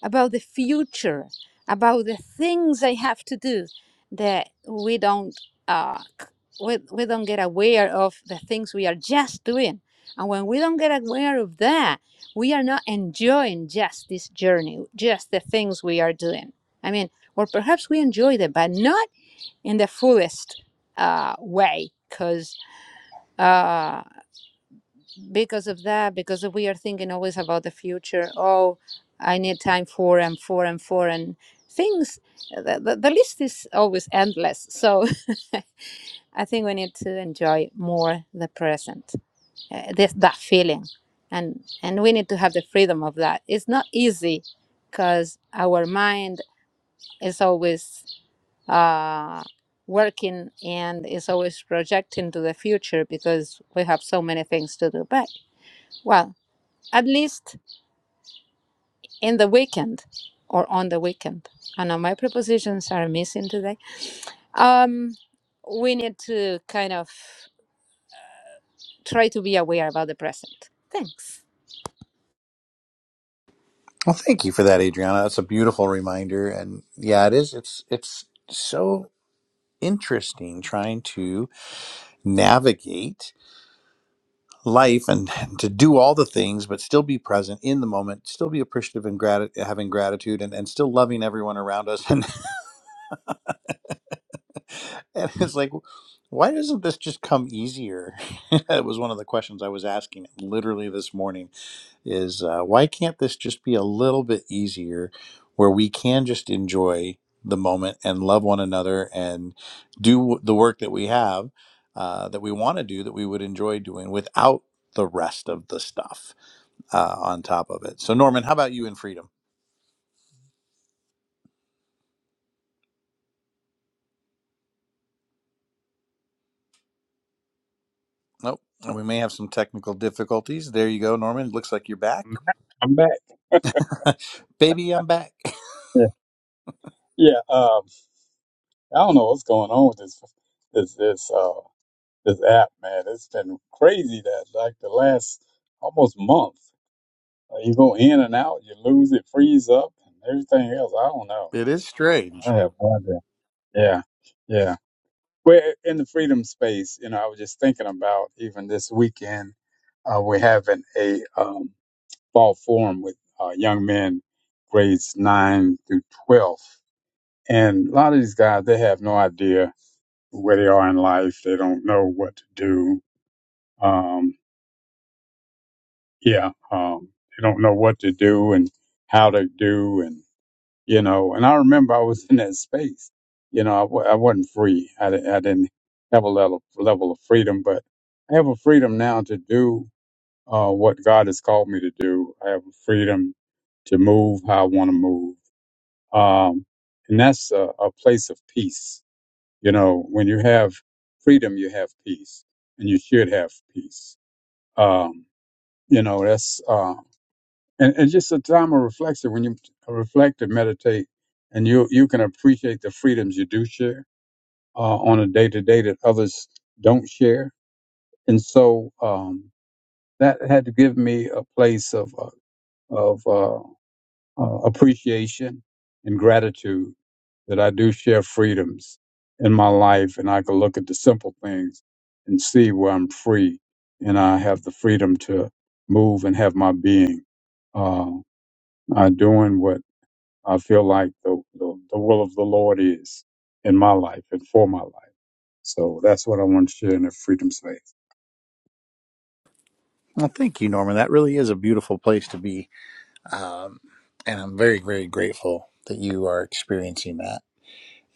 about the future about the things i have to do that we don't uh, c- we, we don't get aware of the things we are just doing and when we don't get aware of that we are not enjoying just this journey just the things we are doing i mean or perhaps we enjoy them but not in the fullest uh, way because uh, because of that, because we are thinking always about the future. Oh, I need time for and for and for and things. uh, The, the, the list is always endless. So I think we need to enjoy more the present, uh, this, that feeling, and and we need to have the freedom of that. It's not easy because our mind is always uh, working and is always projecting to the future because we have so many things to do. But Well, at least in the weekend or on the weekend. I know my prepositions are missing today. Um, we need to kind of try to be aware about the present. Thanks.
Well, thank you for that, Adriana. That's a beautiful reminder. And yeah, it is. It's it's so interesting trying to navigate life and to do all the things but still be present in the moment still be appreciative and grat- having gratitude and, and still loving everyone around us and and it's like why doesn't this just come easier it was one of the questions i was asking literally this morning is uh, why can't this just be a little bit easier where we can just enjoy the moment and love one another and do the work that we have uh, that we want to do that we would enjoy doing without the rest of the stuff uh, on top of it. So, Norman, how about you in freedom? Nope. We may have some technical difficulties. There you go, Norman. Looks like you're back.
I'm back. I'm back.
Baby, I'm back.
Yeah, yeah. Um, I don't know what's going on with this this this uh this app, man. It's been crazy that like the last almost month, uh, you go in and out, you lose it, freeze up, and everything else. I don't know.
It is
I
strange.
have no idea. Yeah, yeah. We're in the freedom space. You know, I was just thinking about even this weekend. Uh, we're having a um, fall forum with uh, young men grades 9 through 12 and a lot of these guys they have no idea where they are in life they don't know what to do um, yeah um, they don't know what to do and how to do and you know and i remember i was in that space you know i, w- I wasn't free I, di- I didn't have a level, level of freedom but i have a freedom now to do uh, what god has called me to do i have a freedom to move how i want to move um, and that's a, a place of peace. You know, when you have freedom, you have peace, and you should have peace. Um, you know, that's uh, and, and just a time of reflection when you reflect and meditate, and you you can appreciate the freedoms you do share uh, on a day to day that others don't share, and so um, that had to give me a place of uh, of uh, uh, appreciation and gratitude that I do share freedoms in my life and I can look at the simple things and see where I'm free and I have the freedom to move and have my being. Uh, i doing what I feel like the, the, the will of the Lord is in my life and for my life. So that's what I want to share in the freedom space.
Well, thank you, Norman. That really is a beautiful place to be. Um, and I'm very, very grateful that you are experiencing that.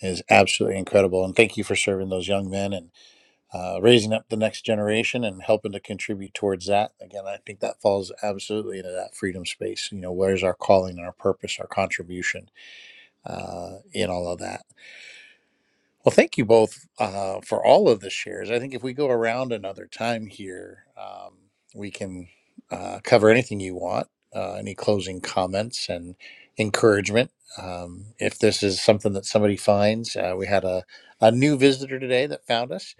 It is absolutely incredible. And thank you for serving those young men and uh, raising up the next generation and helping to contribute towards that. Again, I think that falls absolutely into that freedom space. You know, where's our calling, our purpose, our contribution? uh, in all of that. Well, thank you both uh, for all of the shares. I think if we go around another time here, um, we can uh, cover anything you want, uh, any closing comments and encouragement. Um, if this is something that somebody finds, uh, we had a, a new visitor today that found us.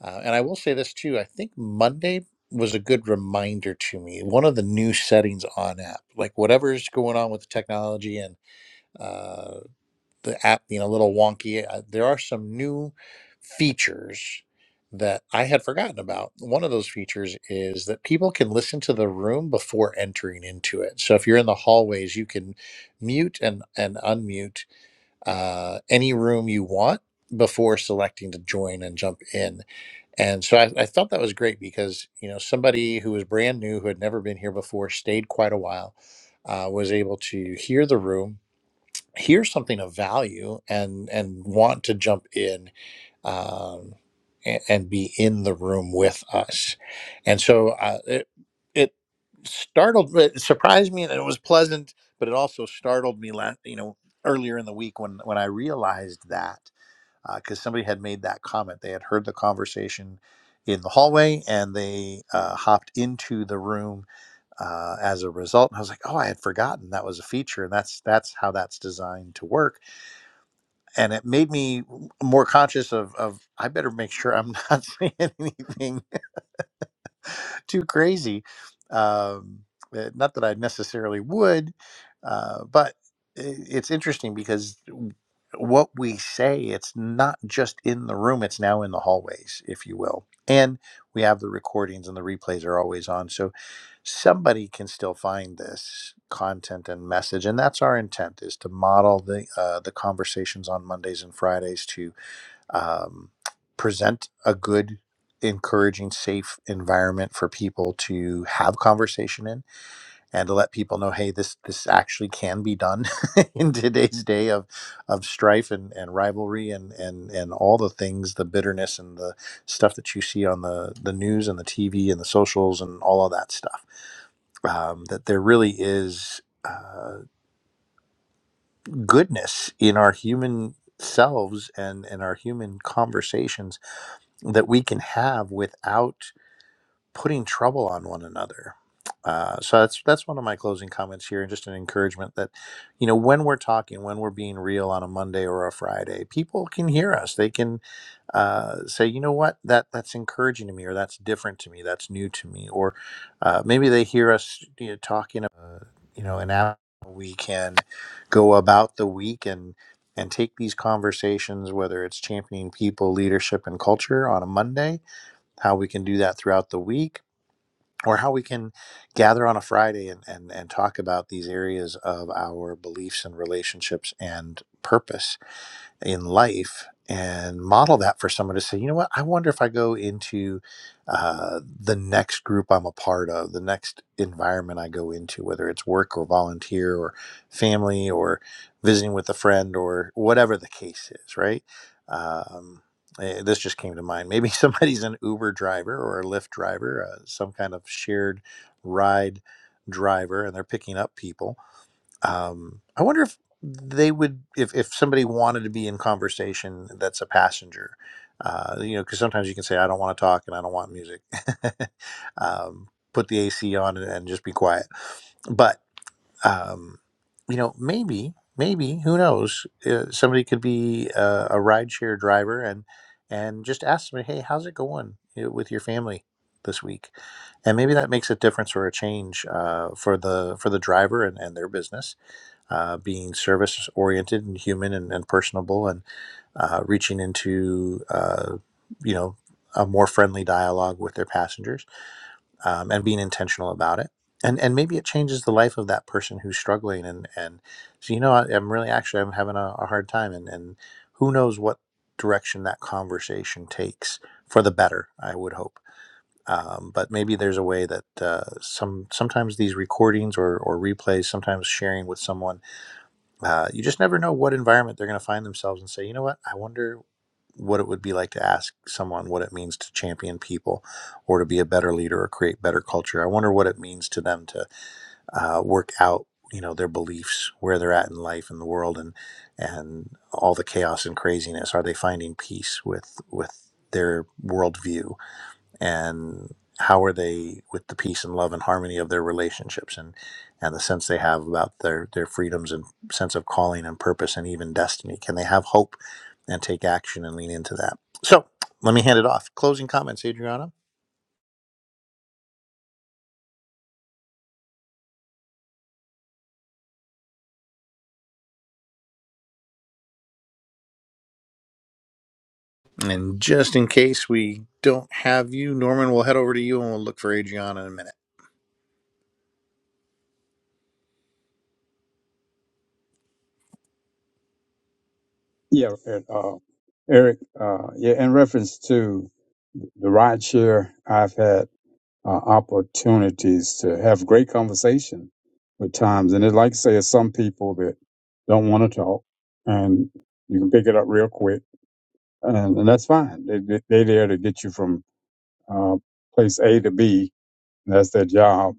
Uh, and I will say this too I think Monday was a good reminder to me. One of the new settings on app, like whatever's going on with the technology and uh, the app being a little wonky, uh, there are some new features that I had forgotten about. One of those features is that people can listen to the room before entering into it. So if you're in the hallways, you can mute and, and unmute uh, any room you want before selecting to join and jump in. And so I, I thought that was great because, you know, somebody who was brand new, who had never been here before, stayed quite a while, uh, was able to hear the room hear something of value and and want to jump in um, and, and be in the room with us and so uh, it it startled it surprised me and it was pleasant but it also startled me last you know earlier in the week when when i realized that because somebody had made that comment they had heard the conversation in the hallway and they uh, hopped into the room uh, as a result and i was like oh i had forgotten that was a feature and that's that's how that's designed to work and it made me more conscious of of I better make sure I'm not saying anything too crazy. Um, eh, not that I necessarily would, uh, but i- it's interesting because what we say it's not just in the room; it's now in the hallways, if you will. And we have the recordings, and the replays are always on, so somebody can still find this content and message. And that's our intent: is to model the uh, the conversations on Mondays and Fridays to um, present a good encouraging safe environment for people to have conversation in and to let people know hey this this actually can be done in today's day of of strife and, and rivalry and and and all the things the bitterness and the stuff that you see on the the news and the tv and the socials and all of that stuff um, that there really is uh, goodness in our human selves and in our human conversations that we can have without putting trouble on one another. Uh, so that's that's one of my closing comments here, and just an encouragement that, you know, when we're talking, when we're being real on a Monday or a Friday, people can hear us. They can uh, say, you know what, that that's encouraging to me, or that's different to me, that's new to me, or uh, maybe they hear us you know, talking, uh, you know, and how we can go about the week and and take these conversations, whether it's championing people, leadership, and culture on a Monday, how we can do that throughout the week or how we can gather on a Friday and, and, and talk about these areas of our beliefs and relationships and purpose in life and model that for someone to say, you know what, I wonder if I go into uh, the next group I'm a part of, the next environment I go into, whether it's work or volunteer or family or visiting with a friend or whatever the case is, right? Um, eh, this just came to mind. Maybe somebody's an Uber driver or a Lyft driver, uh, some kind of shared ride driver, and they're picking up people um, I wonder if they would, if, if somebody wanted to be in conversation that's a passenger, uh, you know, because sometimes you can say, I don't want to talk and I don't want music. um, put the AC on and, and just be quiet. But, um, you know, maybe, maybe, who knows, uh, somebody could be uh, a rideshare driver and, and just ask somebody, hey, how's it going you know, with your family? this week and maybe that makes a difference or a change uh, for the for the driver and, and their business uh, being service oriented and human and, and personable and uh, reaching into uh, you know a more friendly dialogue with their passengers um, and being intentional about it and and maybe it changes the life of that person who's struggling and and so you know I, i'm really actually i'm having a, a hard time and and who knows what direction that conversation takes for the better i would hope um, but maybe there's a way that uh, some sometimes these recordings or, or replays sometimes sharing with someone uh, you just never know what environment they're going to find themselves and say, you know what, I wonder what it would be like to ask someone what it means to champion people or to be a better leader or create better culture. I wonder what it means to them to uh, work out you know their beliefs where they're at in life and the world and and all the chaos and craziness are they finding peace with with their worldview and how are they with the peace and love and harmony of their relationships and and the sense they have about their their freedoms and sense of calling and purpose and even destiny can they have hope and take action and lean into that so let me hand it off closing comments adriana and just in case we don't have you norman we'll head over to you and we'll look for adriana in a minute
Yeah, and, uh, Eric, uh, yeah, in reference to the ride share, I've had uh, opportunities to have great conversation with times. And it, like I say, it's some people that don't want to talk and you can pick it up real quick and, and that's fine. They, they, they're there to get you from, uh, place A to B. And that's their job.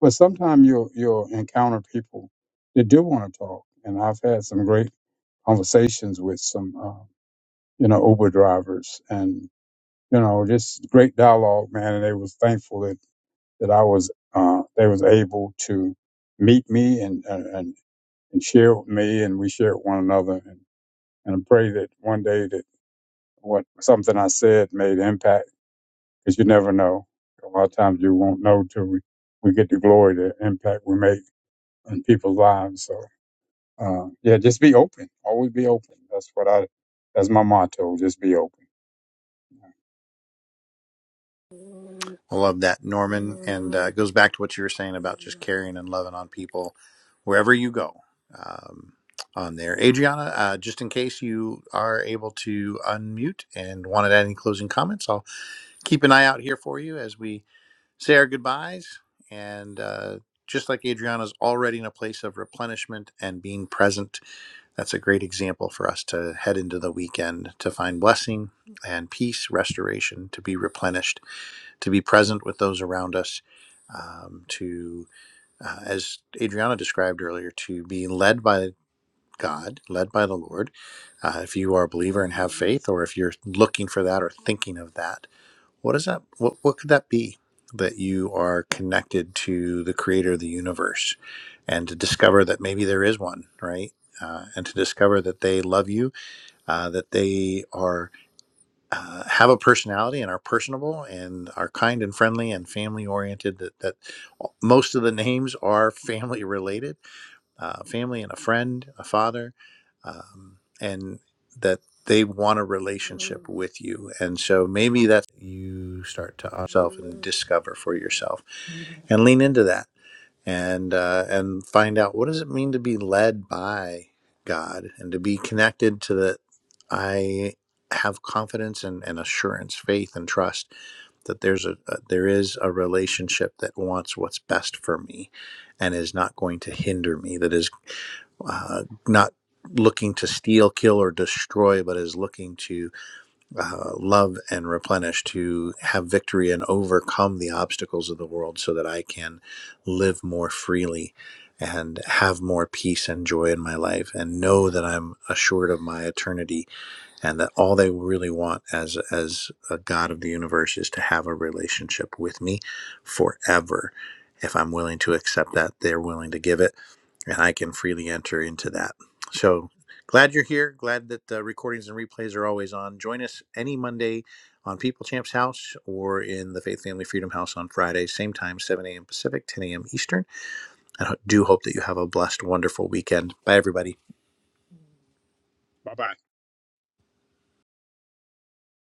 But sometimes you'll, you'll encounter people that do want to talk. And I've had some great conversations with some, uh, you know, Uber drivers and, you know, just great dialogue, man. And they was thankful that that I was uh, they was able to meet me and and and share with me, and we shared with one another. And, and I pray that one day that what something I said made impact, because you never know. A lot of times you won't know till we, we get the glory, the impact we make in people's lives. So uh, yeah, just be open. Always be open. That's what I. That's my motto. Just be open.
I love that, Norman. And uh, it goes back to what you were saying about just caring and loving on people wherever you go um, on there. Adriana, uh, just in case you are able to unmute and wanted to add any closing comments, I'll keep an eye out here for you as we say our goodbyes. And uh, just like Adriana's already in a place of replenishment and being present, that's a great example for us to head into the weekend to find blessing and peace, restoration, to be replenished to be present with those around us, um, to, uh, as Adriana described earlier, to be led by God, led by the Lord. Uh, if you are a believer and have faith, or if you're looking for that or thinking of that, what is that? What, what could that be? That you are connected to the creator of the universe and to discover that maybe there is one, right? Uh, and to discover that they love you, uh, that they are uh, have a personality and are personable and are kind and friendly and family oriented that, that most of the names are family related uh, family and a friend a father um, and that they want a relationship with you and so maybe that's you start to yourself and discover for yourself and lean into that and uh, and find out what does it mean to be led by God and to be connected to the I have confidence and, and assurance, faith and trust that there's a, a there is a relationship that wants what's best for me and is not going to hinder me that is uh, not looking to steal kill or destroy but is looking to uh, love and replenish to have victory and overcome the obstacles of the world so that I can live more freely and have more peace and joy in my life and know that I'm assured of my eternity and that all they really want as as a god of the universe is to have a relationship with me forever if I'm willing to accept that they're willing to give it and I can freely enter into that. So glad you're here. Glad that the recordings and replays are always on. Join us any Monday on People Champs House or in the Faith Family Freedom House on Friday, same time, 7 a.m. Pacific, 10 a.m. Eastern. I do hope that you have a blessed, wonderful weekend. Bye, everybody.
Bye bye.